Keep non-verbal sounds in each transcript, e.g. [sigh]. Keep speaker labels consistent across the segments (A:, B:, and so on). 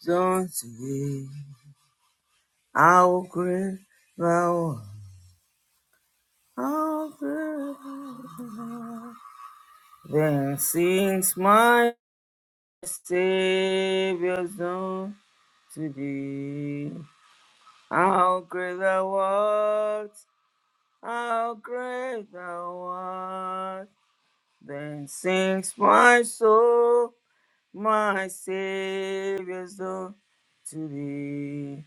A: Johnson, how great thou art, great. Then sings my Savior's song to thee. How great thou art, how great thou art. Then sings my soul, my Savior's song to thee.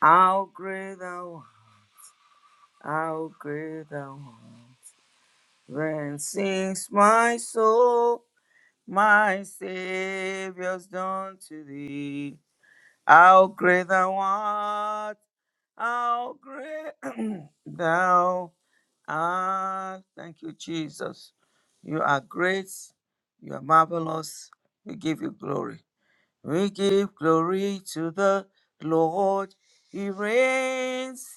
A: How great thou art, how great thou art. Then sings my soul, my Savior's done to thee. How great thou art, how great [clears throat] thou art. Thank you, Jesus. You are great, you are marvelous, we give you glory. We give glory to the Lord, He reigns.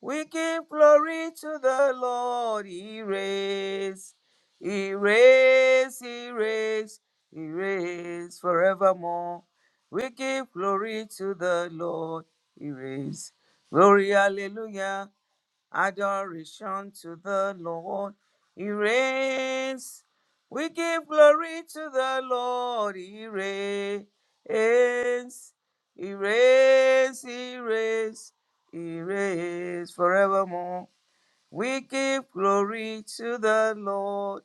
A: We give glory to the Lord, He reigns. He reigns, He reigns, He reigns forevermore. We give glory to the Lord, He reigns. Glory, hallelujah adoration to the Lord. He reigns. We give glory to the Lord. He reigns. He reigns. He reigns. He reigns forevermore. We give glory to the Lord.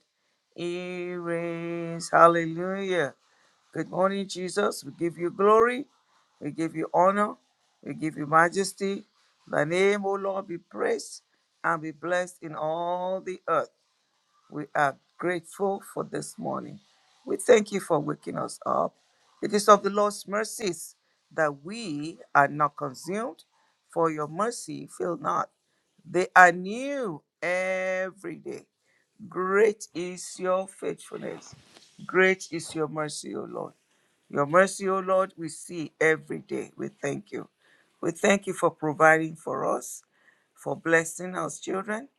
A: He reigns. Hallelujah. Good morning, Jesus. We give you glory. We give you honor. We give you majesty. Thy name, O Lord, be praised and be blessed in all the earth. We are grateful for this morning. We thank you for waking us up. It is of the Lord's mercies that we are not consumed, for your mercy fail not. They are new every day. Great is your faithfulness. Great is your mercy, O Lord. Your mercy, O Lord, we see every day. We thank you. We thank you for providing for us, for blessing us children,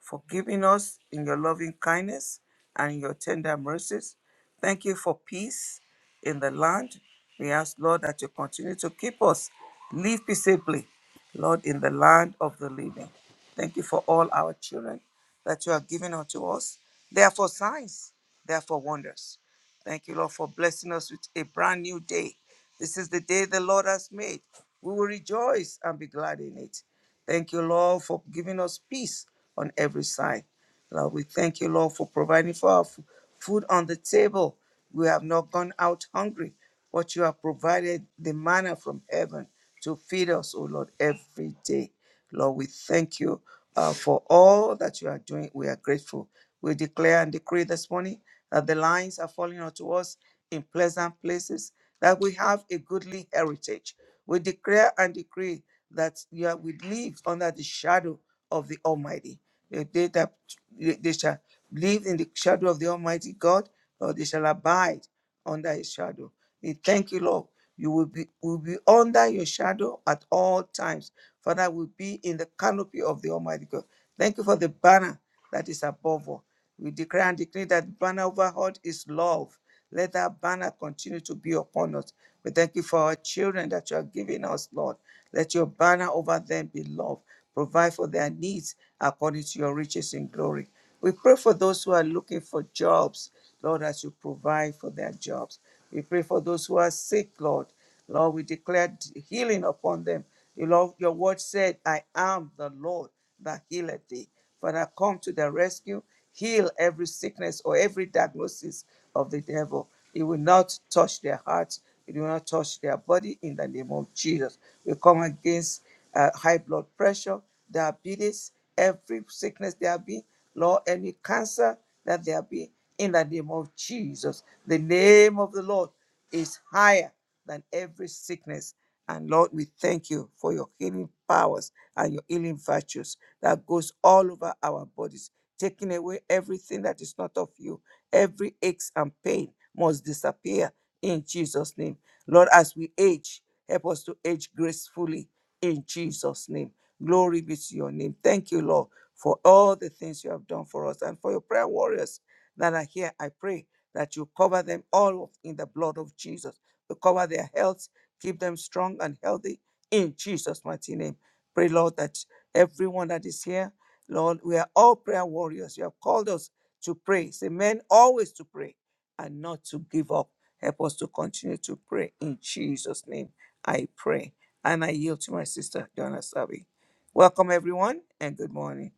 A: for giving us in your loving kindness and in your tender mercies. Thank you for peace in the land. We ask, Lord, that you continue to keep us, live peaceably, Lord, in the land of the living. Thank you for all our children that you are giving unto us. They are for signs, they are for wonders. Thank you, Lord, for blessing us with a brand new day. This is the day the Lord has made. We will rejoice and be glad in it. Thank you, Lord, for giving us peace on every side. Lord, we thank you, Lord, for providing for our f- food on the table. We have not gone out hungry, but you have provided the manna from heaven to feed us, oh Lord, every day. Lord, we thank you uh, for all that you are doing. We are grateful. We declare and decree this morning that the lines are falling unto us in pleasant places, that we have a goodly heritage. We declare and decree that yeah, we live under the shadow of the Almighty. They, they that they shall live in the shadow of the Almighty God, or they shall abide under His shadow. We thank you, Lord. You will be will be under your shadow at all times. Father, will be in the canopy of the Almighty God. Thank you for the banner that is above all. We declare and decree that the banner overhead is love. Let that banner continue to be upon us. We thank you for our children that you are giving us, Lord. Let your banner over them be love. Provide for their needs according to your riches in glory. We pray for those who are looking for jobs, Lord, as you provide for their jobs. We pray for those who are sick, Lord, Lord, we declare healing upon them. You Lord, your word said, I am the Lord that healeth thee. Father, come to the rescue, heal every sickness or every diagnosis of the devil. It will not touch their hearts, it will not touch their body in the name of Jesus. We come against uh, high blood pressure, diabetes, every sickness there be, Lord, any cancer that there be, in the name of Jesus. The name of the Lord is higher than every sickness. And Lord, we thank you for your healing powers and your healing virtues that goes all over our bodies, taking away everything that is not of you. Every aches and pain must disappear in Jesus' name. Lord, as we age, help us to age gracefully in Jesus' name. Glory be to your name. Thank you, Lord, for all the things you have done for us and for your prayer warriors that are here. I pray that you cover them all in the blood of Jesus recover their health, keep them strong and healthy in Jesus' mighty name. Pray, Lord, that everyone that is here, Lord, we are all prayer warriors. You have called us to pray. Say, men always to pray and not to give up. Help us to continue to pray in Jesus' name. I pray. And I yield to my sister, Donna Sabi. Welcome, everyone, and good morning.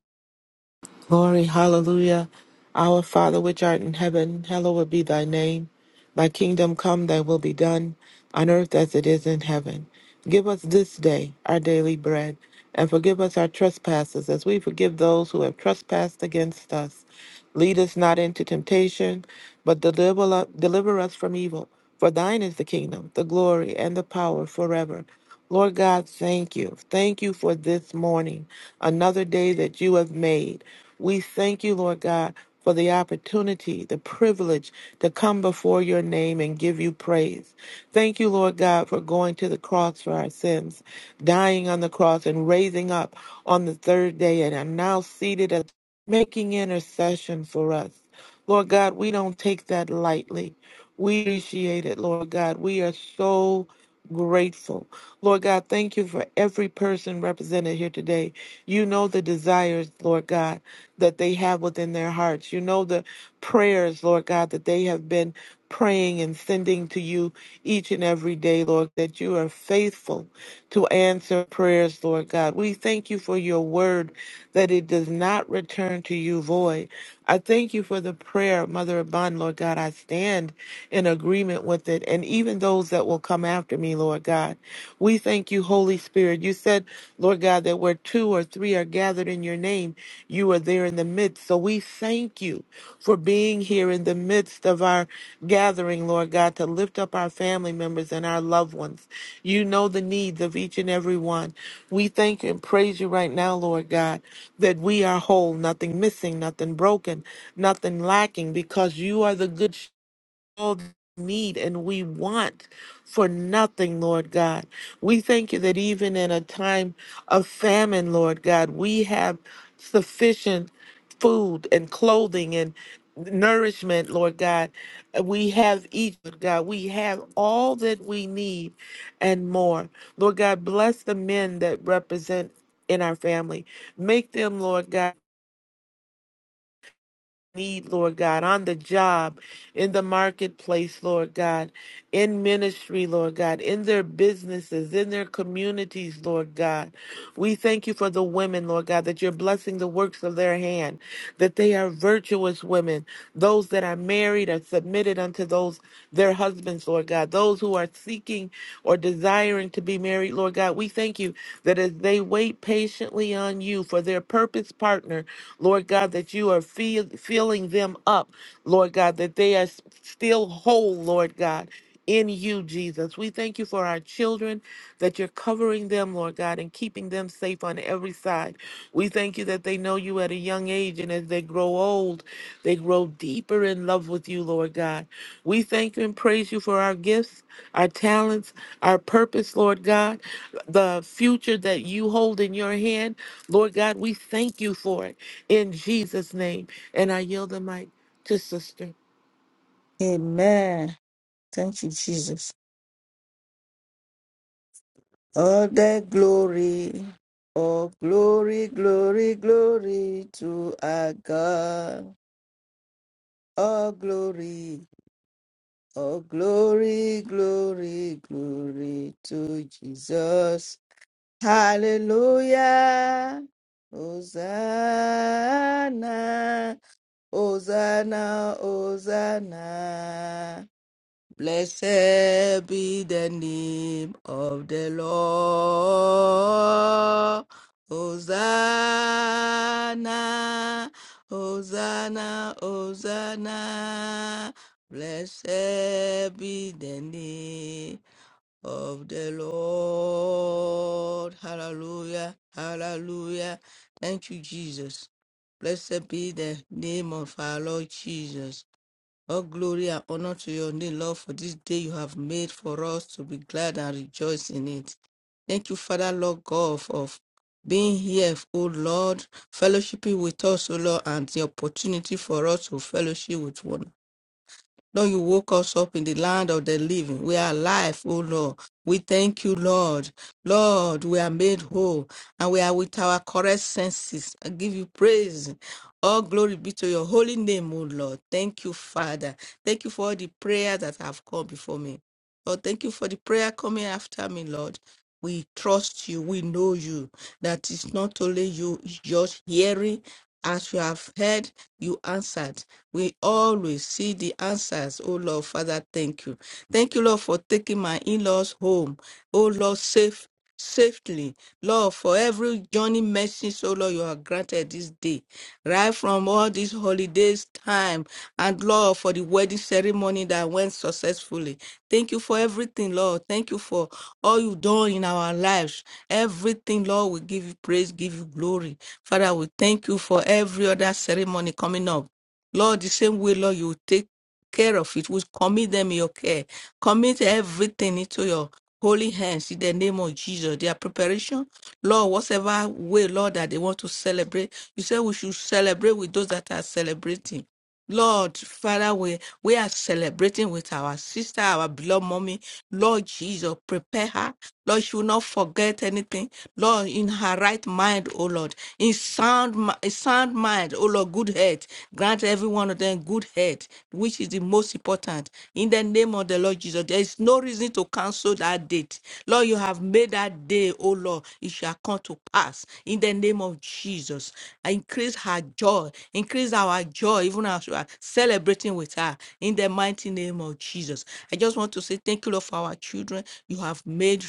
B: Glory, hallelujah. Our Father which art in heaven, hallowed be thy name. Thy kingdom come, thy will be done, on earth as it is in heaven. Give us this day our daily bread, and forgive us our trespasses as we forgive those who have trespassed against us. Lead us not into temptation, but deliver, deliver us from evil. For thine is the kingdom, the glory, and the power forever. Lord God, thank you. Thank you for this morning, another day that you have made. We thank you, Lord God, for the opportunity, the privilege to come before your name and give you praise. Thank you, Lord God, for going to the cross for our sins, dying on the cross and raising up on the third day and are now seated at making intercession for us. Lord God, we don't take that lightly. We appreciate it, Lord God. We are so grateful. Lord God, thank you for every person represented here today. You know the desires, Lord God, that they have within their hearts. You know the prayers, Lord God, that they have been praying and sending to you each and every day, Lord, that you are faithful to answer prayers, Lord God. We thank you for your word that it does not return to you void. I thank you for the prayer, Mother Abund, Lord God. I stand in agreement with it and even those that will come after me, Lord God. We thank you, Holy Spirit. You said, Lord God, that that where two or three are gathered in your name, you are there in the midst. So we thank you for being here in the midst of our gathering, Lord God, to lift up our family members and our loved ones. You know the needs of each and every one. We thank and praise you right now, Lord God, that we are whole, nothing missing, nothing broken, nothing lacking, because you are the good all need and we want for nothing, Lord God. We thank you that even in a time of famine, Lord God, we have sufficient food and clothing and nourishment, Lord God. We have each, Lord God. We have all that we need and more. Lord God, bless the men that represent in our family. Make them, Lord God need, Lord God, on the job, in the marketplace, Lord God, in ministry, Lord God, in their businesses, in their communities, Lord God. We thank you for the women, Lord God, that you're blessing the works of their hand, that they are virtuous women, those that are married are submitted unto those their husbands, Lord God, those who are seeking or desiring to be married, Lord God. We thank you that as they wait patiently on you for their purpose partner, Lord God, that you are feel, filling them up, Lord God, that they are s- still whole, Lord God. In you, Jesus. We thank you for our children, that you're covering them, Lord God, and keeping them safe on every side. We thank you that they know you at a young age, and as they grow old, they grow deeper in love with you, Lord God. We thank you and praise you for our gifts, our talents, our purpose, Lord God, the future that you hold in your hand. Lord God, we thank you for it in Jesus' name. And I yield the mic to Sister.
C: Amen. Thank you, Jesus. All the glory, all glory, glory, glory to our God. All glory, all glory, glory, glory to Jesus. Hallelujah. Hosanna, Hosanna, Hosanna. Blessed be the name of the Lord. Hosanna, Hosanna, Hosanna. Blessed be the name of the Lord. Hallelujah, hallelujah. Thank you, Jesus. Blessed be the name of our Lord Jesus. All glory and honor to your name, Lord, for this day you have made for us to be glad and rejoice in it. Thank you, Father, Lord God, for being here, O Lord, fellowshipping with us, O Lord, and the opportunity for us to fellowship with one Lord, you woke us up in the land of the living. We are alive, O Lord. We thank you, Lord. Lord, we are made whole and we are with our correct senses. I give you praise. All glory be to your holy name, O Lord. Thank you, Father. Thank you for all the prayers that have come before me. Lord, thank you for the prayer coming after me, Lord. We trust you. We know you. That it's not only you, it's just hearing. As you have heard, you answered. We always see the answers. Oh Lord, Father, thank you. Thank you, Lord, for taking my in laws home. Oh Lord, safe. Safely, Lord, for every journey mercy, so Lord, you have granted this day, right from all these holidays time, and Lord, for the wedding ceremony that went successfully. Thank you for everything, Lord. Thank you for all you've done in our lives. Everything, Lord, we give you praise, give you glory. Father, we thank you for every other ceremony coming up. Lord, the same way, Lord, you take care of it. We commit them in your care. Commit everything into your holy hands in the name of Jesus. Their preparation, Lord, whatever way, Lord, that they want to celebrate. You say we should celebrate with those that are celebrating. Lord, Father, we, we are celebrating with our sister, our beloved mommy. Lord Jesus, prepare her Lord, she will not forget anything. Lord, in her right mind, O Lord, in sound, mi- sound mind, O Lord, good health. Grant every one of them good health, which is the most important. In the name of the Lord Jesus, there is no reason to cancel that date. Lord, you have made that day, O Lord, it shall come to pass. In the name of Jesus, I increase her joy, increase our joy, even as we are celebrating with her. In the mighty name of Jesus, I just want to say thank you, Lord, for our children children. You have made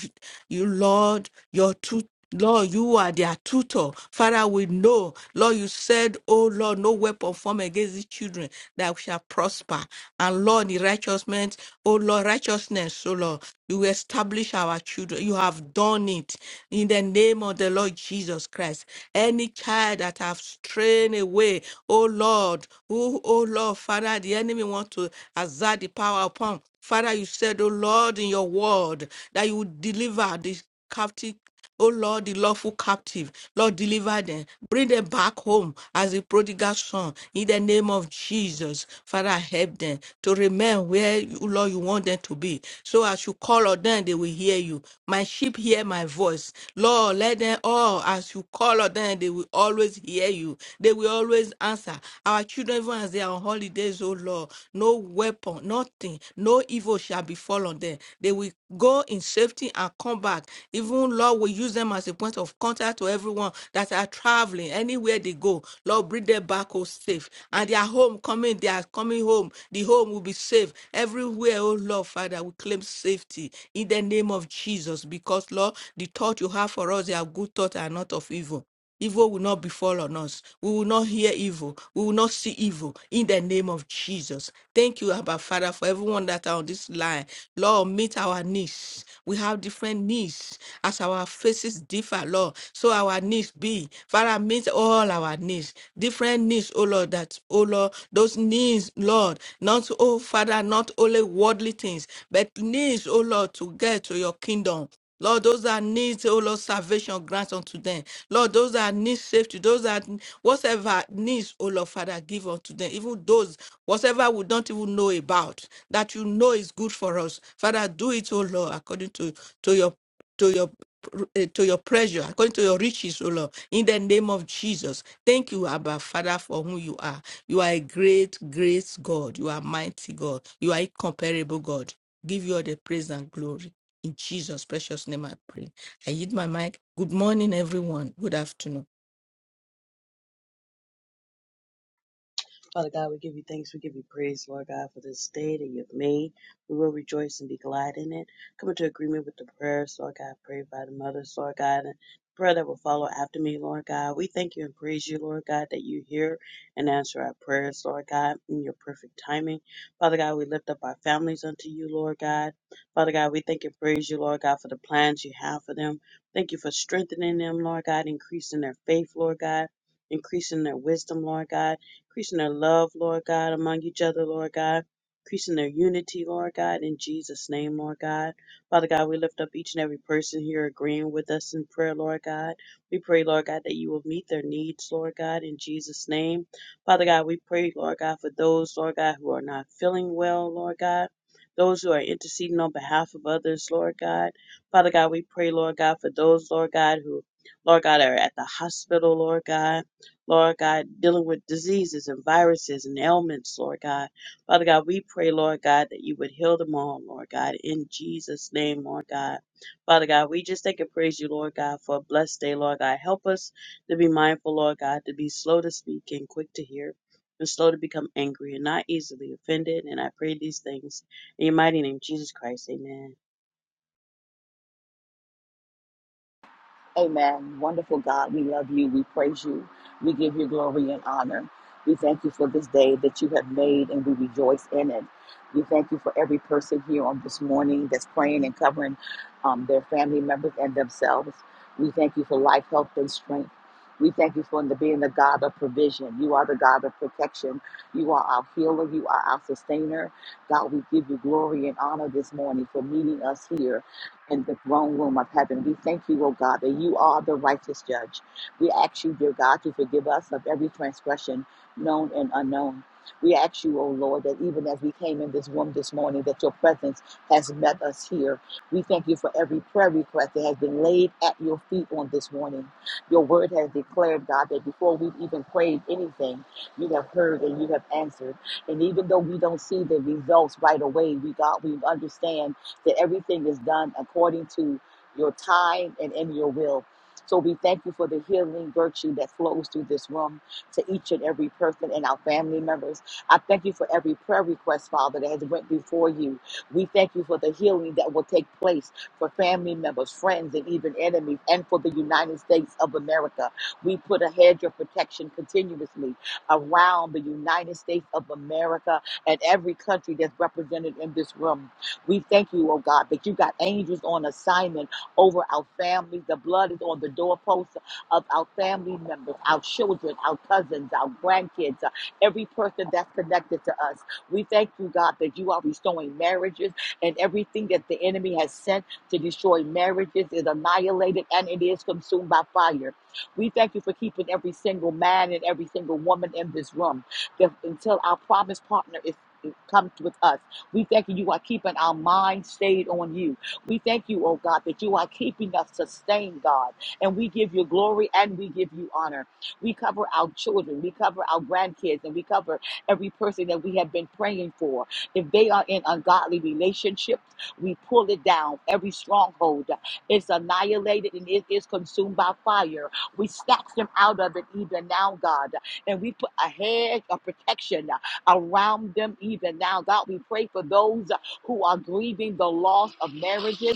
C: you, Lord, your two. Lord, you are their tutor. Father, we know. Lord, you said, Oh Lord, no weapon formed against these children that shall prosper. And Lord, the righteousness, oh Lord, righteousness, oh Lord, you establish our children. You have done it in the name of the Lord Jesus Christ. Any child that have strayed away, oh Lord, who, oh Lord, Father, the enemy want to exert the power upon. Father, you said, said, O Lord, in your word, that you would deliver the captive. Oh Lord, the lawful captive, Lord, deliver them. Bring them back home as a prodigal son in the name of Jesus. Father, help them to remain where you, Lord, you want them to be. So as you call on them, they will hear you. My sheep hear my voice. Lord, let them all, as you call on them, they will always hear you. They will always answer. Our children, even as they are on holidays, oh Lord, no weapon, nothing, no evil shall befall on them. They will go in safety and come back. Even Lord will use them as a point of contact to everyone that are traveling anywhere they go. Lord, bring them back home safe. And their home coming, they are coming home. The home will be safe. Everywhere, oh Lord, Father, we claim safety in the name of Jesus. Because, Lord, the thought you have for us, they are good thoughts and not of evil. Evil will not befall on us. We will not hear evil. We will not see evil in the name of Jesus. Thank you, Abba Father, for everyone that are on this line. Lord, meet our needs. We have different needs as our faces differ, Lord. So our needs be. Father, meet all our needs. Different needs, oh Lord, that, oh Lord, those needs, Lord, not, oh Father, not only worldly things, but needs, oh Lord, to get to your kingdom. Lord, those that need, oh Lord, salvation, grant unto them. Lord, those that need safety, those that whatever needs, oh Lord, Father, give unto them. Even those, whatever we don't even know about, that you know is good for us. Father, do it, oh Lord, according to, to your to your eh, to your pleasure, according to your riches, oh Lord, in the name of Jesus. Thank you, Abba, Father, for whom you are. You are a great, great God. You are mighty God. You are incomparable God. Give you all the praise and glory. In Jesus' precious name, I pray. I yield my mic. Good morning, everyone. Good afternoon.
D: Father God, we give you thanks. We give you praise, Lord God, for this day that you've made. We will rejoice and be glad in it. Come into agreement with the prayers, Lord God, prayed by the mothers, Lord God, and prayer that will follow after me, Lord God. We thank you and praise you, Lord God, that you hear and answer our prayers, Lord God, in your perfect timing. Father God, we lift up our families unto you, Lord God. Father God, we thank and praise you, Lord God, for the plans you have for them. Thank you for strengthening them, Lord God, increasing their faith, Lord God increasing their wisdom, Lord God increasing their love, Lord God, among each other, Lord God, increasing their unity, Lord God, in Jesus' name, Lord God. Father God, we lift up each and every person here agreeing with us in prayer, Lord God. We pray, Lord God, that you will meet their needs, Lord God, in Jesus' name. Father God, we pray, Lord God, for those, Lord God, who are not feeling well, Lord God. Those who are interceding on behalf of others, Lord God. Father God, we pray, Lord God, for those, Lord God, who, Lord God, are at the hospital, Lord God. Lord God, dealing with diseases and viruses and ailments, Lord God. Father God, we pray, Lord God, that you would heal them all, Lord God, in Jesus' name, Lord God. Father God, we just thank and praise you, Lord God, for a blessed day, Lord God. Help us to be mindful, Lord God, to be slow to speak and quick to hear, and slow to become angry and not easily offended. And I pray these things in your mighty name, Jesus Christ. Amen.
E: Amen. Wonderful God, we love you. We praise you. We give you glory and honor. We thank you for this day that you have made and we rejoice in it. We thank you for every person here on this morning that's praying and covering um, their family members and themselves. We thank you for life, health, and strength. We thank you for the, being the God of provision. You are the God of protection. You are our healer. You are our sustainer. God, we give you glory and honor this morning for meeting us here in the throne room of heaven. We thank you, O God, that you are the righteous judge. We ask you, dear God, to forgive us of every transgression known and unknown. We ask you, O Lord, that even as we came in this room this morning, that your presence has met us here. We thank you for every prayer request that has been laid at your feet on this morning. Your word has declared, God, that before we've even prayed anything, you have heard and you have answered. And even though we don't see the results right away, we God, we understand that everything is done according to your time and in your will. So we thank you for the healing virtue that flows through this room to each and every person and our family members. I thank you for every prayer request, Father, that has went before you. We thank you for the healing that will take place for family members, friends, and even enemies, and for the United States of America. We put a hedge of protection continuously around the United States of America and every country that's represented in this room. We thank you, oh God, that you got angels on assignment over our families. The blood is on the doorposts of our family members, our children, our cousins, our grandkids, uh, every person that's connected to us. We thank you, God, that you are restoring marriages and everything that the enemy has sent to destroy marriages is annihilated and it is consumed by fire. We thank you for keeping every single man and every single woman in this room that until our promised partner is. Comes with us. We thank you, you are keeping our mind stayed on you. We thank you, oh God, that you are keeping us sustained, God. And we give you glory and we give you honor. We cover our children, we cover our grandkids, and we cover every person that we have been praying for. If they are in ungodly relationships, we pull it down. Every stronghold is annihilated and it is consumed by fire. We snatch them out of it even now, God. And we put a hedge of protection around them even now. God, we pray for those uh, who are grieving the loss of marriages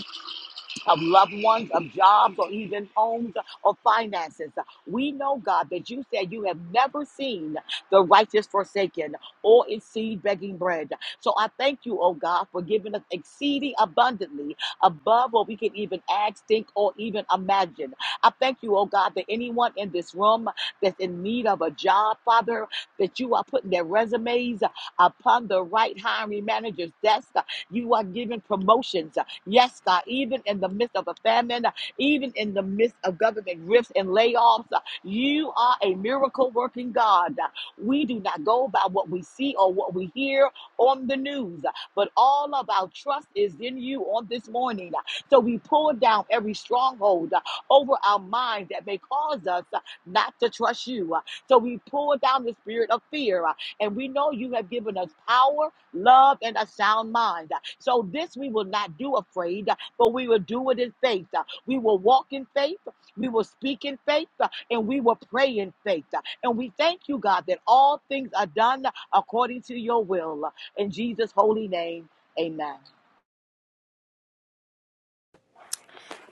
E: of loved ones, of jobs, or even homes or finances. We know, God, that you said you have never seen the righteous forsaken or its seed begging bread. So I thank you, oh God, for giving us exceeding abundantly above what we can even ask, think, or even imagine. I thank you, oh God, that anyone in this room that's in need of a job, Father, that you are putting their resumes upon the right hiring manager's desk you are giving promotions. Yes, God, even in the midst of a famine, even in the midst of government rifts and layoffs, you are a miracle working God. We do not go by what we see or what we hear on the news, but all of our trust is in you on this morning. So we pull down every stronghold over our minds that may cause us not to trust you. So we pull down the spirit of fear. And we know you have given us power love, and a sound mind. So this we will not do afraid, but we will do it in faith. We will walk in faith, we will speak in faith, and we will pray in faith. And we thank you, God, that all things are done according to your will. In Jesus' holy name, amen.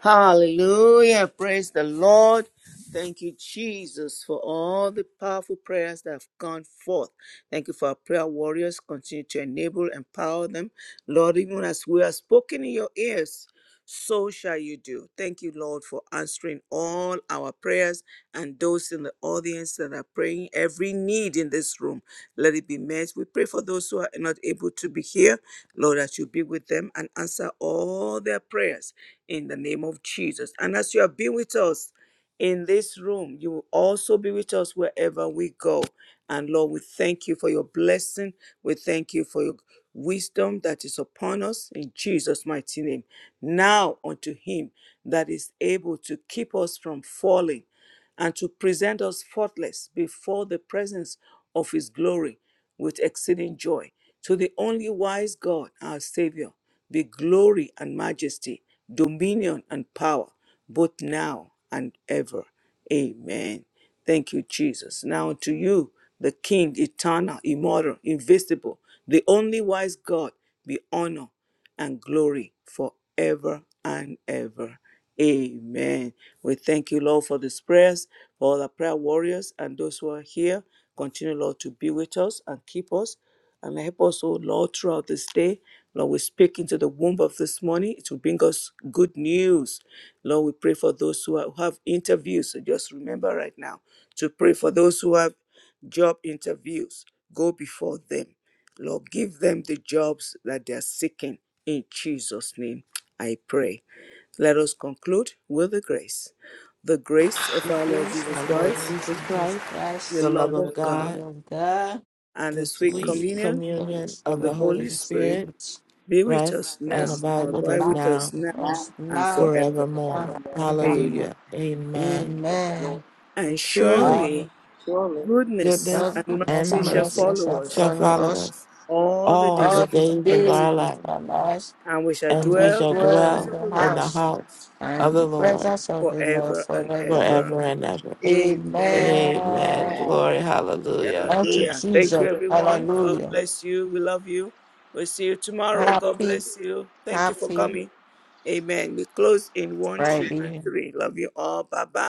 A: Hallelujah. Praise the Lord. Thank you, Jesus, for all the powerful prayers that have gone forth. Thank you for our prayer warriors. Continue to enable, empower them. Lord, even as we are spoken in your ears, so shall you do. Thank you, Lord, for answering all our prayers and those in the audience that are praying every need in this room. Let it be met. We pray for those who are not able to be here, Lord, that you be with them and answer all their prayers in the name of Jesus. And as you have been with us in this room, you will also be with us wherever we go. And Lord, we thank you for your blessing. We thank you for your wisdom that is upon us in Jesus' mighty name. Now unto him that is able to keep us from falling and to present us faultless before the presence of his glory with exceeding joy. To the only wise God, our Savior be glory and majesty, dominion and power, both now and ever. Amen. Thank you, Jesus. Now to you, the King, eternal, immortal, invisible, the only wise God, be honor and glory forever and ever. Amen. We thank you, Lord, for these prayers, for all the prayer warriors and those who are here. Continue, Lord, to be with us and keep us and help us, oh Lord, throughout this day. Lord, we speak into the womb of this morning. It will bring us good news. Lord, we pray for those who are- who have interviews. So just remember right now to pray for those who have job interviews. Go before them Lord, give them the jobs that they're seeking. In Jesus' name, I pray. Let us conclude with the grace. The grace of
C: The
A: our Lord
C: grace of
A: Jesus
B: Our
C: our
B: Lord
A: Christ,
C: Lord
B: Jesus
C: Jesus
B: Christ,
A: the
B: the
C: Christ,
B: love
A: love of
B: of
C: the love
A: God,
B: God,
C: of God,
A: and the
B: the
A: sweet
B: sweet
C: mercy,
A: communion
B: communion
C: fellowship
A: of
B: of
A: the
B: the
C: of the
B: Holy
A: Holy
C: Holy
A: Spirit
B: Spirit,
C: Spirit,
A: be with
B: rest
A: us
B: and
A: now,
C: rest
B: abide
C: and
B: with
A: abide
B: us
A: with
C: abide
B: now
A: us
C: with
A: now,
E: Now,
C: us
A: and
C: now
A: forever.
B: forevermore.
C: and
E: forevermore.
A: Amen.
C: forevermore.
B: Hallelujah. Amen.
E: Yes, Lord.
C: Amen.
A: And
B: And surely
C: Amen.
A: surely goodness
C: God's
B: goodness
A: and
C: goodness
B: and
A: mercy
C: and
A: shall
B: mercy
C: mercy
A: follow
C: shall
A: us
B: shall
C: follow
B: follow
C: us
B: us
A: all the
B: all
A: days
B: the
C: all
A: of
C: the
B: days
A: our
B: of
A: lives,
C: days
B: our
C: of
B: life,
C: our lives
A: and we shall
C: and
B: and we
C: shall
A: dwell
B: shall
A: in the
C: dwell
A: house
C: in
B: dwell
A: of
C: the
A: the
B: in
A: Lord
B: the
C: house
B: house
C: and
B: of
C: in the
B: the Lord
C: presence of the Lord
A: forever and
C: forever.
A: ever.
B: forever and ever.
A: Amen.
B: Amen.
C: Amen.
A: Amen.
B: Glory. Hallelujah.
C: Thank you,
A: Hallelujah. Thank you,
C: Jesus.
A: everyone. God
C: Hallelujah.
A: bless you. We love you. We'll see you tomorrow. God
C: Happy,
A: bless you. Thank you for
C: happy
A: coming. Amen. We close in one, two, and
C: Friday.
A: three. Love you all. Bye bye.